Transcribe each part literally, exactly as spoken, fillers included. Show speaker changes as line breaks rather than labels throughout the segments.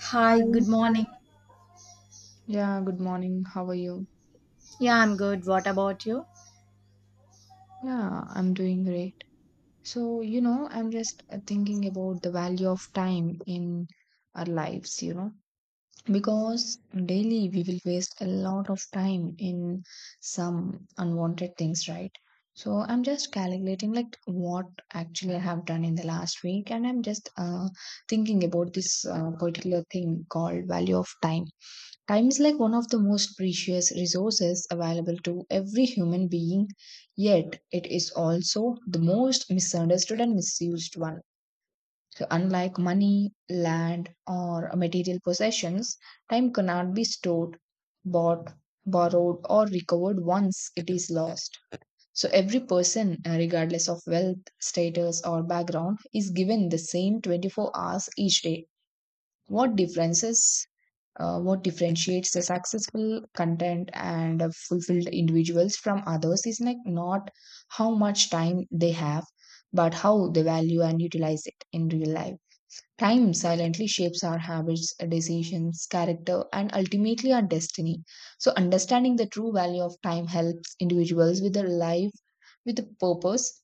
Hi,
Hi.
good morning.
Yeah, good morning. How are you?
Yeah, I'm good. What about you?
Yeah, I'm doing great. So, you know, I'm just uh, thinking about the value of time in our lives, you know, because daily we will waste a lot of time in some unwanted things, right? So, I'm just calculating like what actually I have done in the last week, and I'm just uh, thinking about this uh, particular thing called value of time. Time is like one of the most precious resources available to every human being, yet it is also the most misunderstood and misused one. So, unlike money, land, or material possessions, time cannot be stored, bought, borrowed, or recovered once it is lost. So, every person, uh, regardless of wealth, status, or background, is given the same twenty-four hours each day. What differences uh, what differentiates the successful content and uh, fulfilled individuals from others is like not how much time they have but how they value and utilize it in real life. Time silently shapes our habits, decisions, character, and ultimately our destiny. So understanding the true value of time helps individuals with their life with a purpose,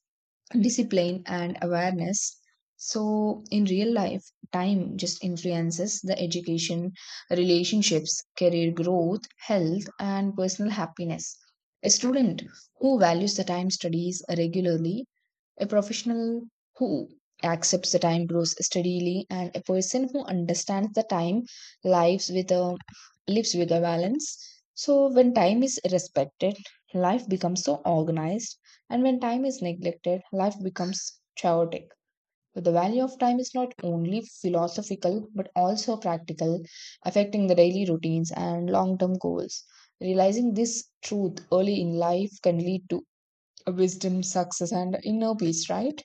discipline, and awareness. So in real life, time just influences the education, relationships, career growth, health, and personal happiness. A student who values the time studies regularly. A professional who accepts the time grows steadily, and a person who understands the time lives with a lives with a balance. So when time is respected, life becomes so organized, and when time is neglected, life becomes chaotic. So the value of time is not only philosophical but also practical, affecting the daily routines and long-term goals. Realizing this truth early in life can lead to wisdom, success, and inner peace, right?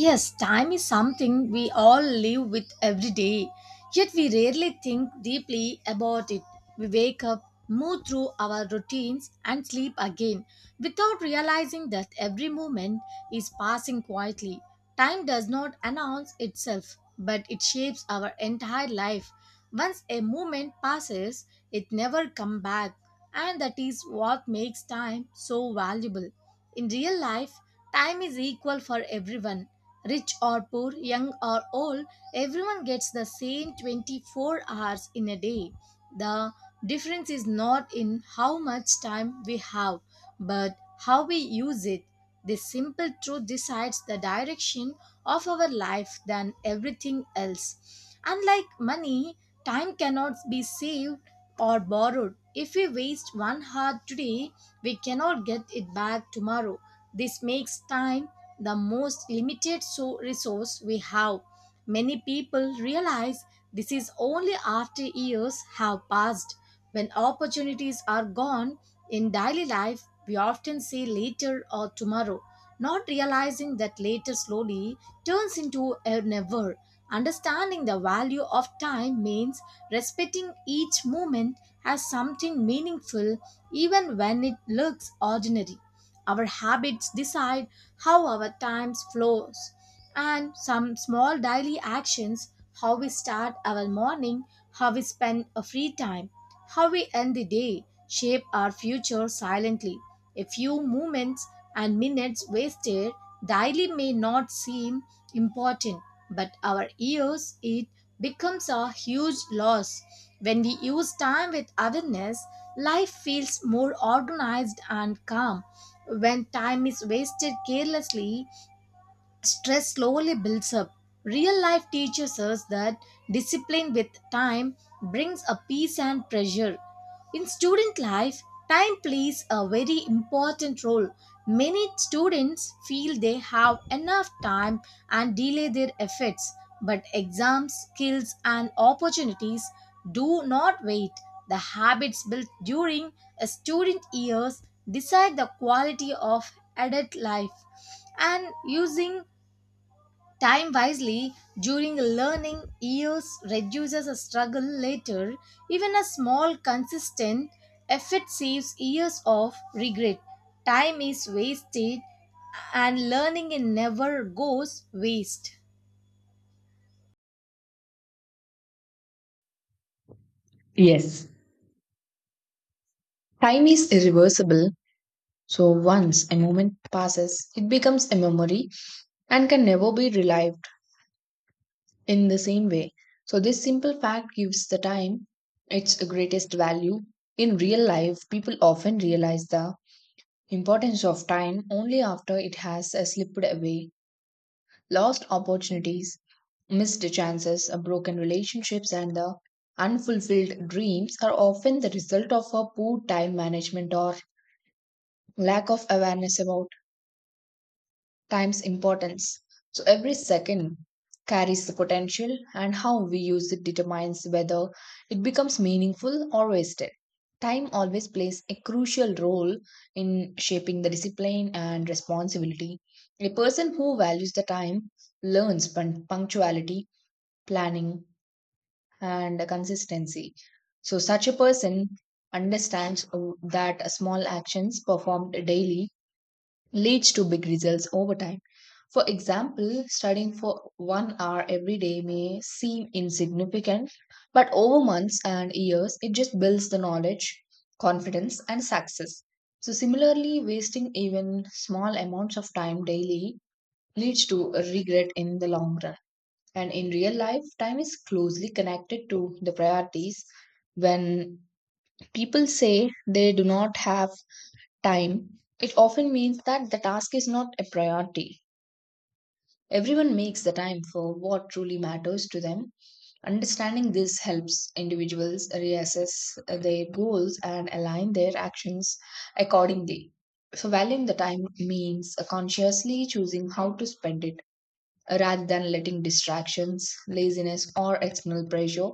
Yes, time is something we all live with every day, yet we rarely think deeply about it. We wake up, move through our routines, and sleep again without realizing that every moment is passing quietly. Time does not announce itself, but it shapes our entire life. Once a moment passes, it never comes back, and that is what makes time so valuable. In real life, time is equal for everyone. Rich or poor, young or old, everyone gets the same twenty-four hours in a day. The difference is not in how much time we have, but how we use it. This simple truth decides the direction of our life than everything else. Unlike money, time cannot be saved or borrowed. If we waste one hour today, we cannot get it back tomorrow. This makes time the most limited so- resource we have. Many people realize this is only after years have passed. When opportunities are gone in daily life, we often say later or tomorrow, not realizing that later slowly turns into a never. Understanding the value of time means respecting each moment as something meaningful, even when it looks ordinary. Our habits decide how our time flows, and some small daily actions, how we start our morning, how we spend our free time, how we end the day, shape our future silently. A few moments and minutes wasted daily may not seem important, but our ears, it becomes a huge loss. When we use time with awareness, life feels more organized and calm. When time is wasted carelessly, stress slowly builds up. Real life teaches us that discipline with time brings a peace and pressure. In student life, time plays a very important role. Many students feel they have enough time and delay their efforts, but exams, skills, and opportunities do not wait. The habits built during a student years decide the quality of adult life, and using time wisely during learning years reduces a struggle later. Even a small, consistent effort saves years of regret. Time is wasted, and learning it never goes waste.
Yes. Time is irreversible. So once a moment passes, it becomes a memory and can never be relived in the same way. So this simple fact gives the time its greatest value. In real life, people often realize the importance of time only after it has uh, slipped away. Lost opportunities, missed chances, uh, broken relationships, and the unfulfilled dreams are often the result of a poor time management or lack of awareness about time's importance. So every second carries the potential, and how we use it determines whether it becomes meaningful or wasted. Time always plays a crucial role in shaping the discipline and responsibility. A person who values the time learns pun- punctuality, planning, and consistency. So, such a person understands uh, that small actions performed daily leads to big results over time. For example, studying for one hour every day may seem insignificant, but over months and years, it just builds the knowledge, confidence, and success. So, similarly, wasting even small amounts of time daily leads to a regret in the long run. And in real life, time is closely connected to the priorities. When people say they do not have time, it often means that the task is not a priority. Everyone makes the time for what truly matters to them. Understanding this helps individuals reassess their goals and align their actions accordingly. So, valuing the time means consciously choosing how to spend it rather than letting distractions, laziness, or external pressure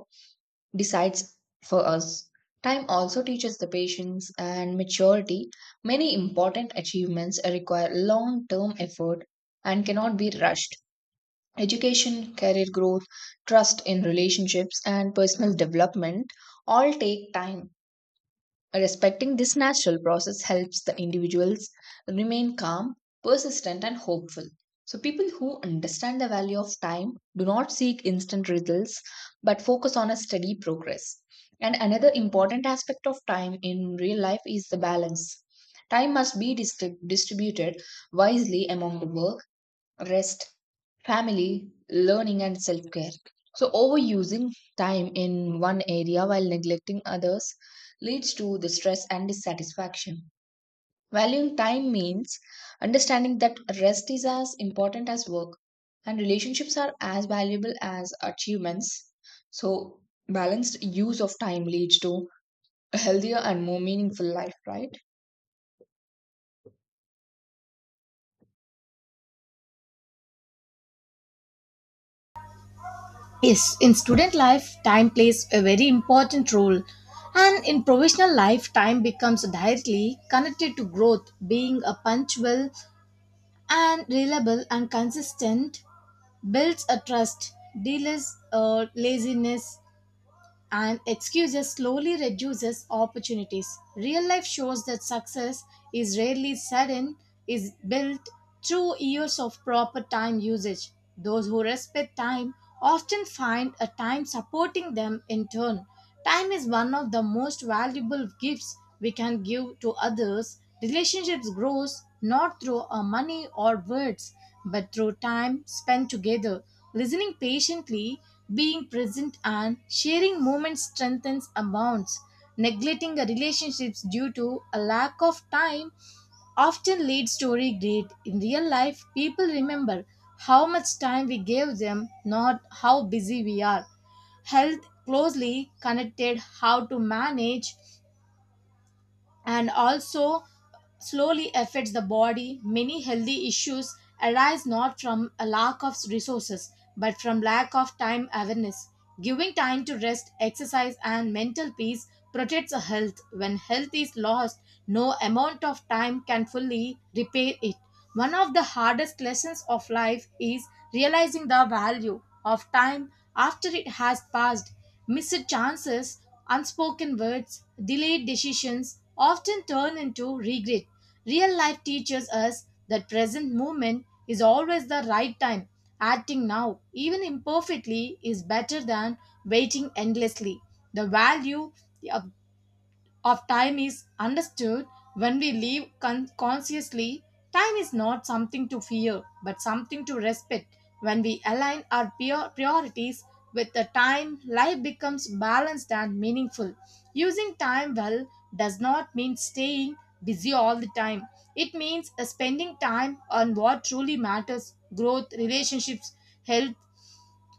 decides for us. Time also teaches the patience and maturity. Many important achievements require long term effort and cannot be rushed. Education, career growth, trust in relationships, and personal development all take time. Respecting this natural process helps the individuals remain calm, persistent, and hopeful. So, people who understand the value of time do not seek instant results but focus on a steady progress. And another important aspect of time in real life is the balance. Time must be distri- distributed wisely among the work, rest, family, learning, and self care. So, overusing time in one area while neglecting others leads to the stress and dissatisfaction. Valuing time means understanding that rest is as important as work and relationships are as valuable as achievements. So, balanced use of time leads to a healthier and more meaningful life, right?
Yes, in student life, time plays a very important role. And in professional life, time becomes directly connected to growth. Being a punctual and reliable and consistent builds a trust, deals uh, laziness, and excuses slowly reduces opportunities. Real life shows that success is rarely sudden, is built through years of proper time usage. Those who respect time often find a time supporting them in turn. Time is one of the most valuable gifts we can give to others. Relationships grows not through our money or words, but through time spent together. Listening patiently, being present and sharing moments strengthens a bonds. Neglecting a relationships due to a lack of time often leads to regret. In real life, people remember how much time we gave them, not how busy we are. Health closely connected how to manage, and also slowly affects the body. Many healthy issues arise not from a lack of resources but from lack of time awareness. Giving time to rest, exercise and mental peace protects a health. When health is lost, no amount of time can fully repair it. One of the hardest lessons of life is realizing the value of time after it has passed. Missed chances, unspoken words, delayed decisions often turn into regret. Real life teaches us that present moment is always the right time. Acting now, even imperfectly, is better than waiting endlessly. The value of time is understood when we live con- consciously. Time is not something to fear, but something to respect. When we align our prior- priorities with the time, life becomes balanced and meaningful. Using time well does not mean staying busy all the time. It means uh, spending time on what truly matters, growth, relationships, health,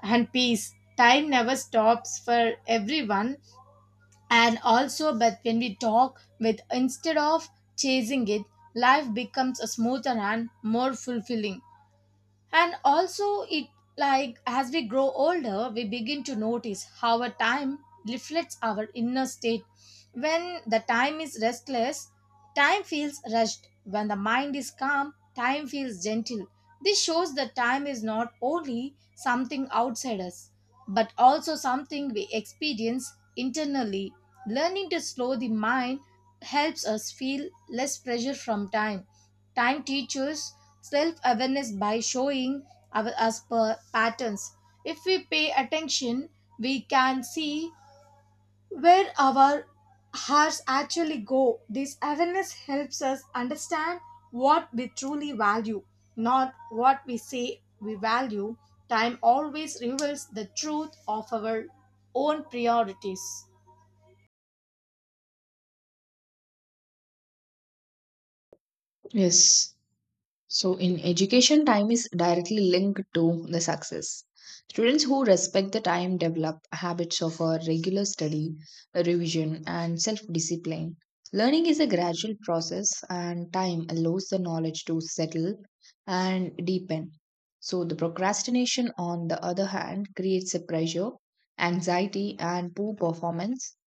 and peace. Time never stops for everyone, and also but when we talk with instead of chasing it, life becomes a smoother and more fulfilling. And also it, like, as we grow older we begin to notice how a time reflects our inner state. When the time is restless, time feels rushed. When the mind is calm, time feels gentle. This shows that time is not only something outside us, but also something we experience internally. Learning to slow the mind helps us feel less pressure from time. Time teaches self awareness by showing our, us per patterns. If we pay attention, we can see where our hearts actually go. This awareness helps us understand what we truly value, not what we say we value. Time always reveals the truth of our own priorities.
Yes. So, in education, time is directly linked to the success. Students who respect the time develop habits of a regular study, revision, and self discipline. Learning is a gradual process, and time allows the knowledge to settle and deepen. So, the procrastination, on the other hand, creates a pressure, anxiety, and poor performance.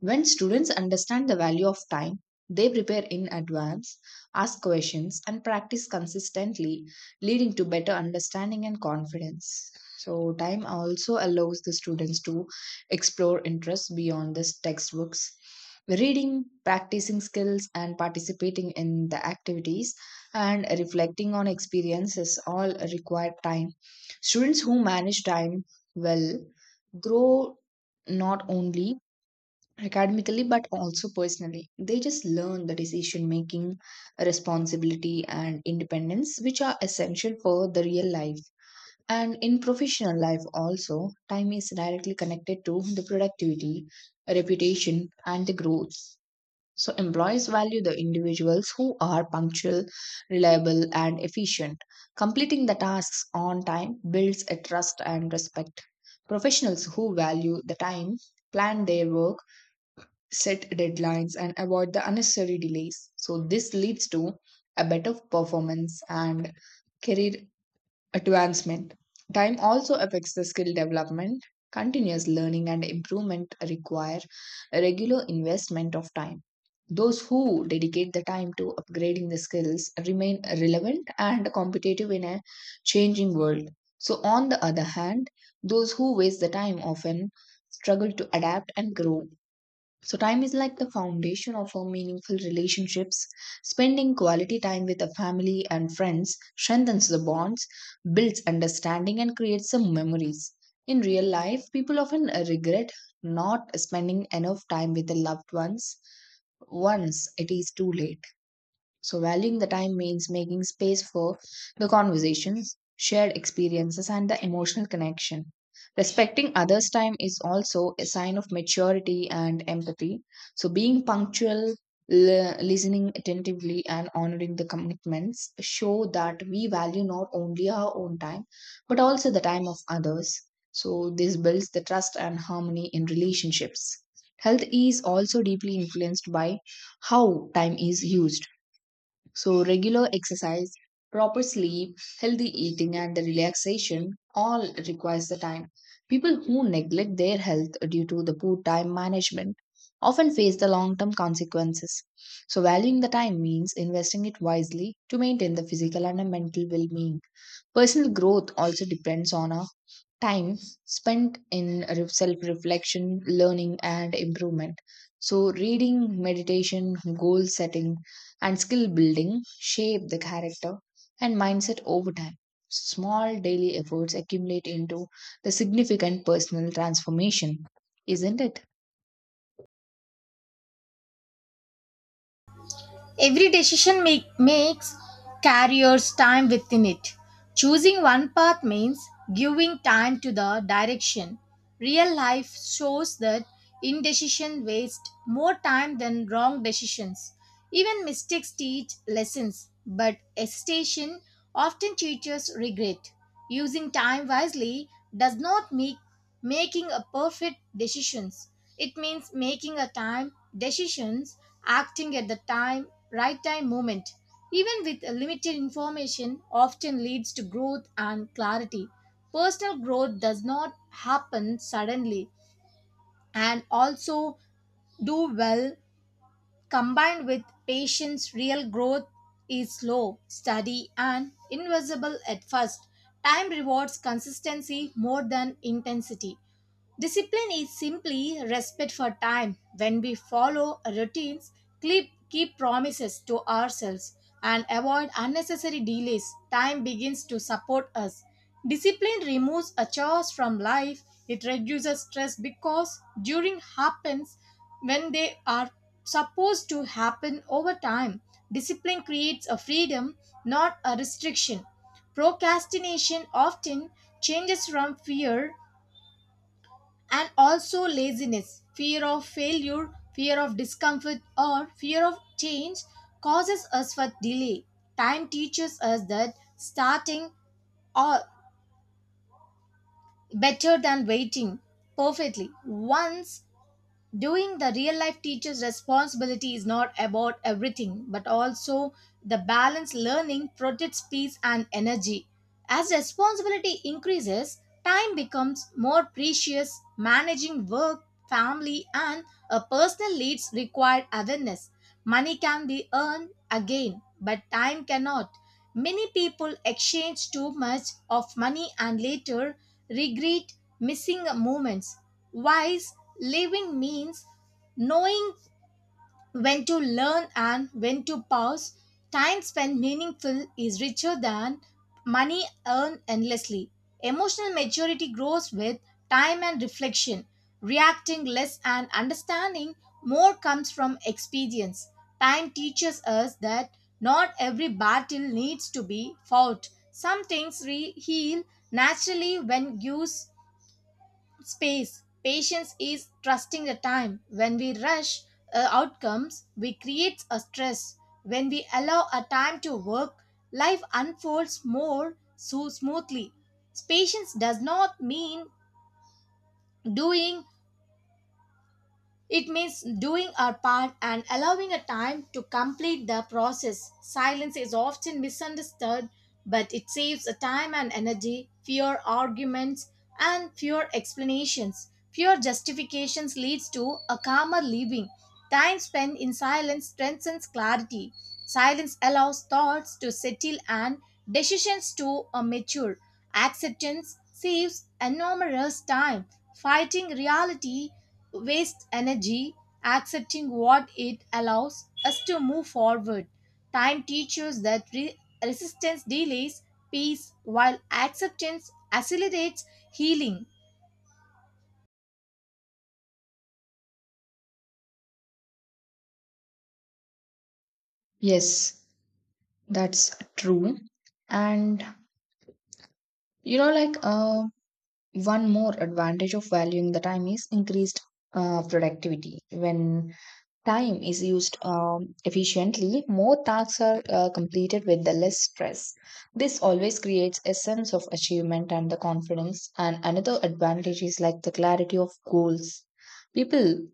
When students understand the value of time, they prepare in advance, ask questions, and practice consistently, leading to better understanding and confidence. So, time also allows the students to explore interests beyond the textbooks. Reading, practicing skills, and participating in the activities and reflecting on experiences all require time. Students who manage time well grow not only academically but also personally. They just learn the decision making, responsibility, and independence, which are essential for the real life. And in professional life, also, time is directly connected to the productivity, reputation, and the growth. So, employees value the individuals who are punctual, reliable, and efficient. Completing the tasks on time builds a trust and respect. Professionals who value the time plan their work, set deadlines, and avoid the unnecessary delays. So, this leads to a better performance and career advancement. Time also affects the skill development. Continuous learning and improvement require a regular investment of time. Those who dedicate the time to upgrading the skills remain relevant and competitive in a changing world. So, on the other hand, those who waste the time often struggle to adapt and grow. So, time is like the foundation of our meaningful relationships. Spending quality time with a family and friends strengthens the bonds, builds understanding, and creates some memories. In real life, people often uh, regret not spending enough time with their loved ones once it is too late. So, valuing the time means making space for the conversations, shared experiences, and the emotional connection. Respecting others' time is also a sign of maturity and empathy. So, being punctual, l- listening attentively, and honoring the commitments show that we value not only our own time but also the time of others. So, this builds the trust and harmony in relationships. Health is also deeply influenced by how time is used. So, regular exercise, proper sleep, healthy eating, and the relaxation all requires the time. People who neglect their health due to the poor time management often face the long term consequences. So, valuing the time means investing it wisely to maintain the physical and the mental well being. Personal growth also depends on a time spent in self reflection, learning, and improvement. So, reading, meditation, goal setting, and skill building shape the character and mindset over time. Small daily efforts accumulate into the significant personal transformation, isn't it?
Every decision make, makes carriers time within it. Choosing one path means giving time to the direction. Real life shows that indecision wastes more time than wrong decisions. Even mistakes teach lessons, but hesitation often teaches regret. Using time wisely does not make making a perfect decisions. It means making a time decisions, acting at the time, right time moment, even with limited information often leads to growth and clarity. Personal growth does not happen suddenly, and also do well combined with patience. Real growth is slow, steady and invisible at first. Time rewards consistency more than intensity. Discipline is simply respect for time. When we follow routines, keep, keep promises to ourselves, and avoid unnecessary delays, time begins to support us. Discipline removes a chores from life. It reduces stress because during happens when they are supposed to happen over time. Discipline creates a freedom, not a restriction. Procrastination often changes from fear, and also laziness, fear of failure, fear of discomfort, or fear of change causes us for delay. Time teaches us that starting or better than waiting perfectly. Once doing the real life teacher's responsibility is not about everything but also the balanced learning protects peace and energy. As responsibility increases, time becomes more precious. Managing work, family and a personal needs require awareness. Money can be earned again, but time cannot. Many people exchange too much of money and later regret missing moments. Wise living means knowing when to learn and when to pause. Time spent meaningful is richer than money earned endlessly. Emotional maturity grows with time and reflection. Reacting less and understanding more comes from experience. Time teaches us that not every battle needs to be fought. Some things re- heal naturally when used space. Patience is trusting the time. When we rush uh, outcomes, we create a stress. When we allow a time to work, life unfolds more so smoothly. Patience does not mean doing. It means doing our part and allowing a time to complete the process. Silence is often misunderstood, but it saves a time and energy, fewer arguments, and fewer explanations. Fewer justifications leads to a calmer living. Time spent in silence strengthens clarity. Silence allows thoughts to settle and decisions to uh, mature. Acceptance saves enormous time. Fighting reality waste energy, accepting what it allows us to move forward. Time teaches that re- resistance delays peace while acceptance accelerates healing.
Yes, that's true. And you know, like uh, one more advantage of valuing the time is increased uh, productivity when time is used um, efficiently, more tasks are uh, completed with the less stress. This always creates a sense of achievement and the confidence. And another advantage is like the clarity of goals. People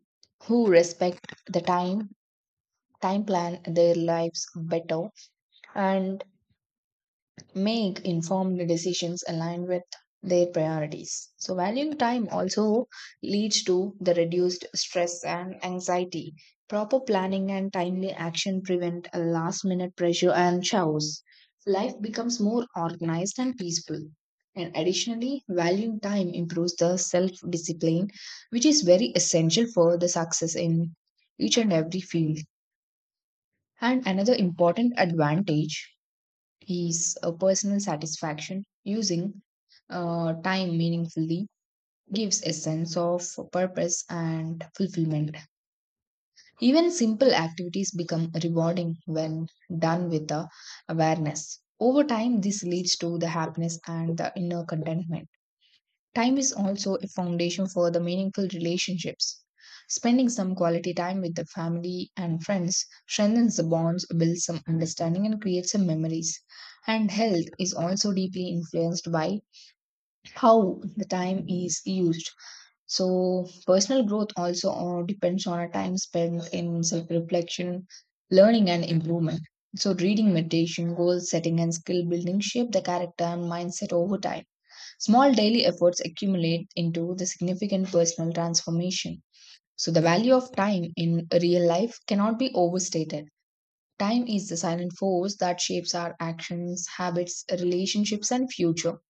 who respect the time time plan their lives better and make informed decisions aligned with their priorities. So, valuing time also leads to the reduced stress and anxiety. Proper planning and timely action prevent a last minute pressure and chaos. Life becomes more organized and peaceful. And additionally, valuing time improves the self discipline, which is very essential for the success in each and every field. And another important advantage his uh, personal satisfaction using uh, time meaningfully gives a sense of purpose and fulfillment. Even simple activities become rewarding when done with the awareness. Over time, this leads to the happiness and the inner contentment. Time is also a foundation for the meaningful relationships. Spending some quality time with the family and friends strengthens the bonds, builds some understanding, and creates some memories. And health is also deeply influenced by how the time is used. So, personal growth also uh, depends on a time spent in self reflection, learning, and improvement. So, reading, meditation, goal setting, and skill building shape the character and mindset over time. Small daily efforts accumulate into the significant personal transformation. So, the value of time in real life cannot be overstated. Time is the silent force that shapes our actions, habits, relationships, and future.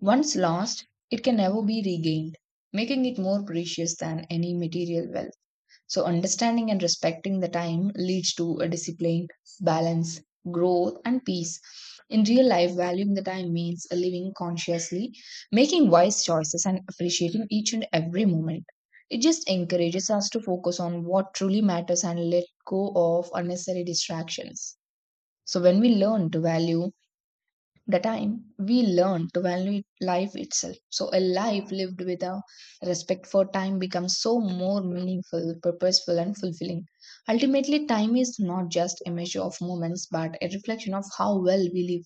Once lost, it can never be regained, making it more precious than any material wealth. So, understanding and respecting the time leads to a discipline, balance, growth, and peace. In real life, valuing the time means living consciously, making wise choices, and appreciating each and every moment. It just encourages us to focus on what truly matters and let go of unnecessary distractions. So, when we learn to value the time, we learn to value life itself. So, a life lived with a respect for time becomes so more meaningful, purposeful, and fulfilling. Ultimately, time is not just a measure of moments, but a reflection of how well we live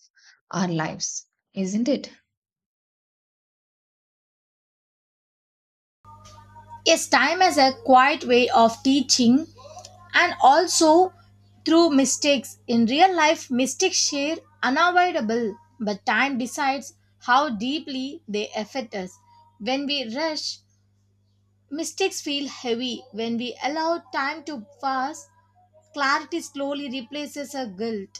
our lives, isn't it?
Yes, time has a quiet way of teaching and also through mistakes. In real life, mistakes share unavoidable, but time decides how deeply they affect us. When we rush, mistakes feel heavy. When we allow time to pass, clarity slowly replaces our guilt.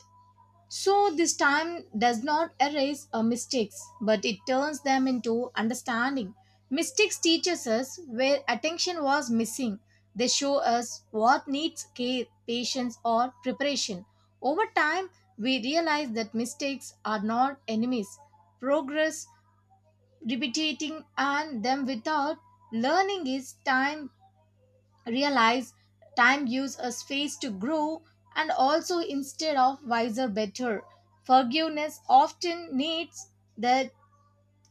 So, this time does not erase our mistakes, but it turns them into understanding. Mistakes teaches us where attention was missing. They show us what needs care, patience, or preparation. Over time, we realize that mistakes are not enemies. Progress, repeating, and them without learning is time realize. Time gives us space to grow, and also instead of wiser better. Forgiveness often needs that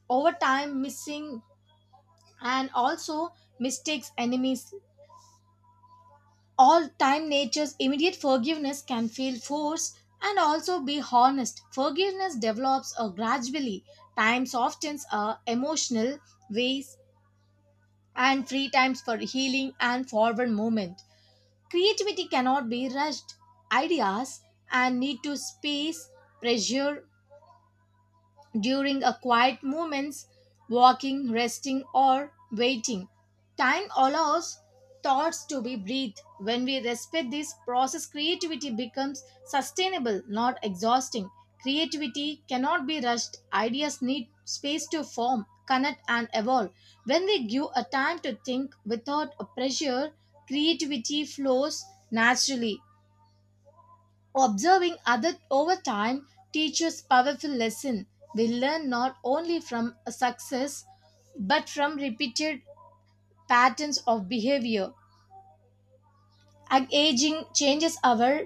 over time missing, and also mistakes enemies all time nature's immediate forgiveness can feel forced, and also be honest forgiveness develops uh, gradually. Time softens our emotional ways and free times for healing and forward movement. Creativity cannot be rushed. Ideas and need to space, pressure, during a quiet moments walking, resting or waiting. Time allows thoughts to be breathed. When we respect this process, creativity becomes sustainable, not exhausting. Creativity cannot be rushed. Ideas need space to form, connect and evolve. When we give a time to think without a pressure, creativity flows naturally. Observing others over time teaches powerful lesson. We learn not only from a success, but from repeated patterns of behavior. Ag- aging changes our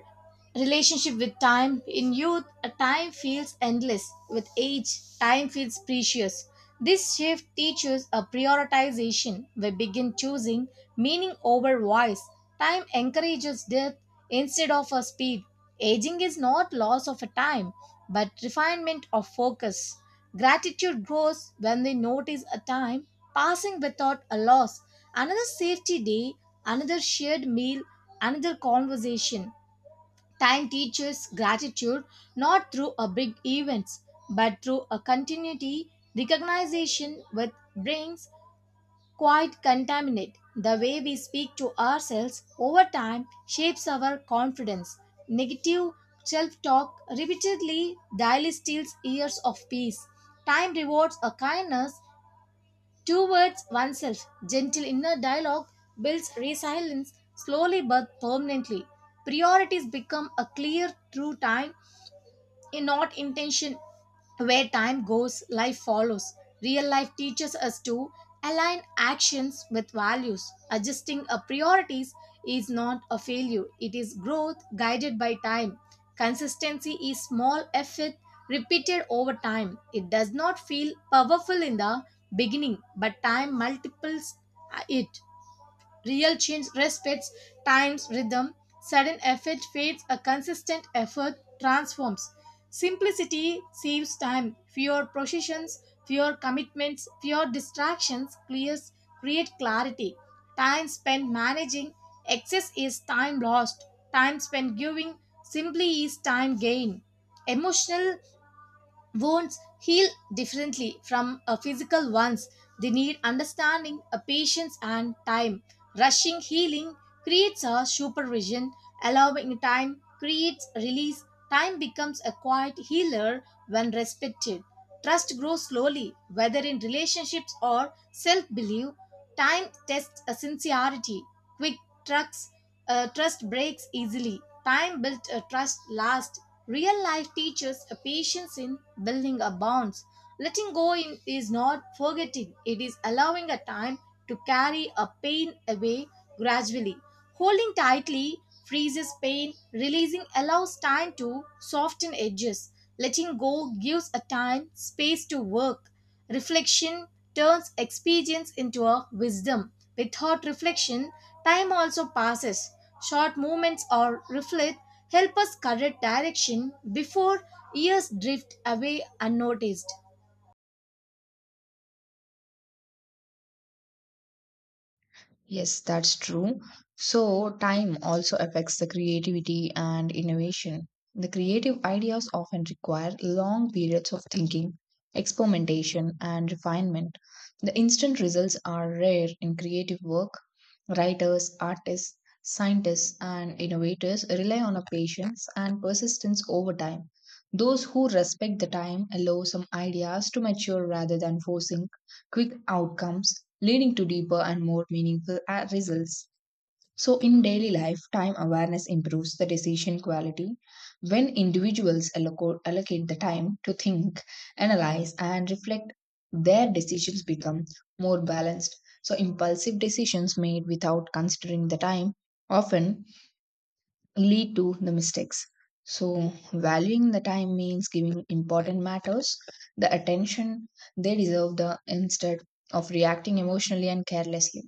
relationship with time. In youth, a time feels endless. With age, time feels precious. This shift teaches a prioritization. We begin choosing meaning over voice. Time encourages depth instead of a speed. Aging is not loss of a time, but refinement of focus. Gratitude grows when we notice a time passing without a loss, another safety day, another shared meal, another conversation. Time teaches gratitude not through a big events but through a continuity. Recognition with brings quite contaminate. The way we speak to ourselves over time shapes our confidence. Negative self-talk repeatedly daily steals years of peace. Time rewards a kindness towards oneself. Gentle inner dialogue builds resilience slowly but permanently. Priorities become a clear through time in not intention. Where time goes, life follows. Real life teaches us to align actions with values. Adjusting our priorities is not a failure, it is growth guided by time. Consistency is small effort repeated over time. It does not feel powerful in the beginning, but time multiplies it. Real change respects time's rhythm. Sudden effect fades, a consistent effort transforms. Simplicity saves time. Fewer processions, fewer commitments, fewer distractions clears, create clarity. Time spent managing excess is time lost. Time spent giving simply is time gain. Emotional wounds heal differently from uh, physical ones. They need understanding, uh, patience, and time. Rushing healing creates a supervision, allowing time creates release. Time becomes a quiet healer when respected. Trust grows slowly, whether in relationships or self belief. Time tests a sincerity. Quick trucks, uh, trust breaks easily. Time built a trust last. Real life teaches a patience in building a bonds. Letting go in is not forgetting, it is allowing a time to carry a pain away gradually. Holding tightly freezes pain, releasing allows time to soften edges. Letting go gives a time space to work. Reflection turns experience into a wisdom. Without reflection, time also passes. Short moments or reflect help us correct direction before years drift away unnoticed.
Yes, that's true. So, time also affects the creativity and innovation. The creative ideas often require long periods of thinking, experimentation, and refinement. The instant results are rare in creative work. Writers, artists, scientists, and innovators rely on a patience and persistence over time. Those who respect the time allow some ideas to mature rather than forcing quick outcomes, leading to deeper and more meaningful uh, results. So, in daily life, time awareness improves the decision quality when individuals alloco- allocate the time to think, analyze, and reflect. Their decisions become more balanced. So, impulsive decisions made without considering the time often lead to the mistakes. So, valuing the time means giving important matters the attention they deserve the instead of reacting emotionally and carelessly.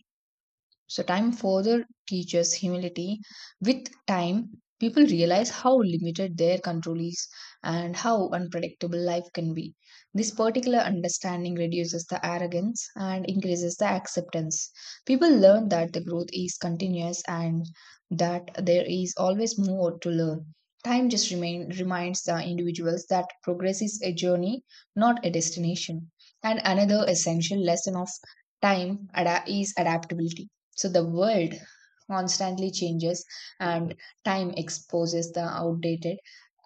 So, time further teaches humility. With time, people realize how limited their control is and how unpredictable life can be. This particular understanding reduces the arrogance and increases the acceptance. People learn that the growth is continuous and that there is always more to learn. Time just remain, reminds the individuals that progress is a journey, not a destination. And another essential lesson of time ada- is adaptability. So the world constantly changes, and time exposes the outdated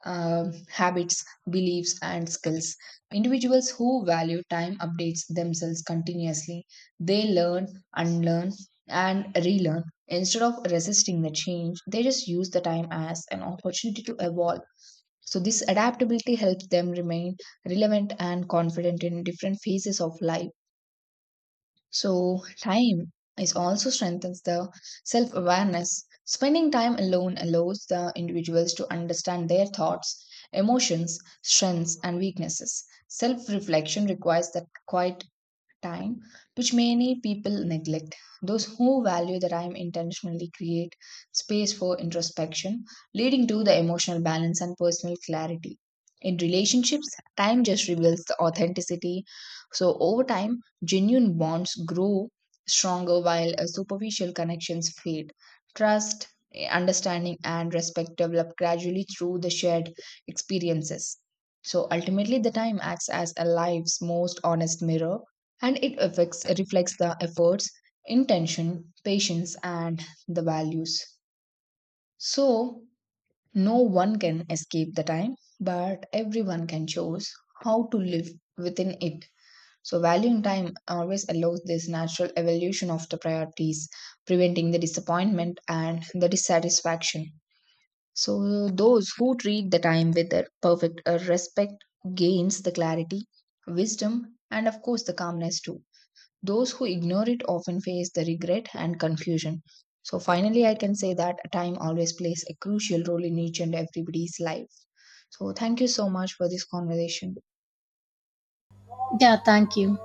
um, habits, beliefs, and skills. Individuals who value time updates themselves continuously. They learn, unlearn, and relearn. Instead of resisting the change, they just use the time as an opportunity to evolve. So, this adaptability helps them remain relevant and confident in different phases of life. So, time is also strengthens the self awareness. Spending time alone allows the individuals to understand their thoughts, emotions, strengths, and weaknesses. Self reflection requires that quiet time, which many people neglect. Those who value the time intentionally create space for introspection, leading to the emotional balance and personal clarity. In relationships, time just reveals the authenticity. So, over time, genuine bonds grow stronger while uh, superficial connections fade. Trust, eh, understanding, and respect develop gradually through the shared experiences. So ultimately, the time acts as a life's most honest mirror, and it affects reflects the efforts, intention, patience, and the values. So no one can escape the time, but everyone can choose how to live within it. So valuing time always allows this natural evolution of the priorities, preventing the disappointment and the dissatisfaction. So those who treat the time with a perfect uh, respect gains the clarity, wisdom, and of course the calmness too. Those who ignore it often face the regret and confusion. So, finally, I can say that time always plays a crucial role in each and everybody's life. So, thank you so much for this conversation.
Yeah, thank you.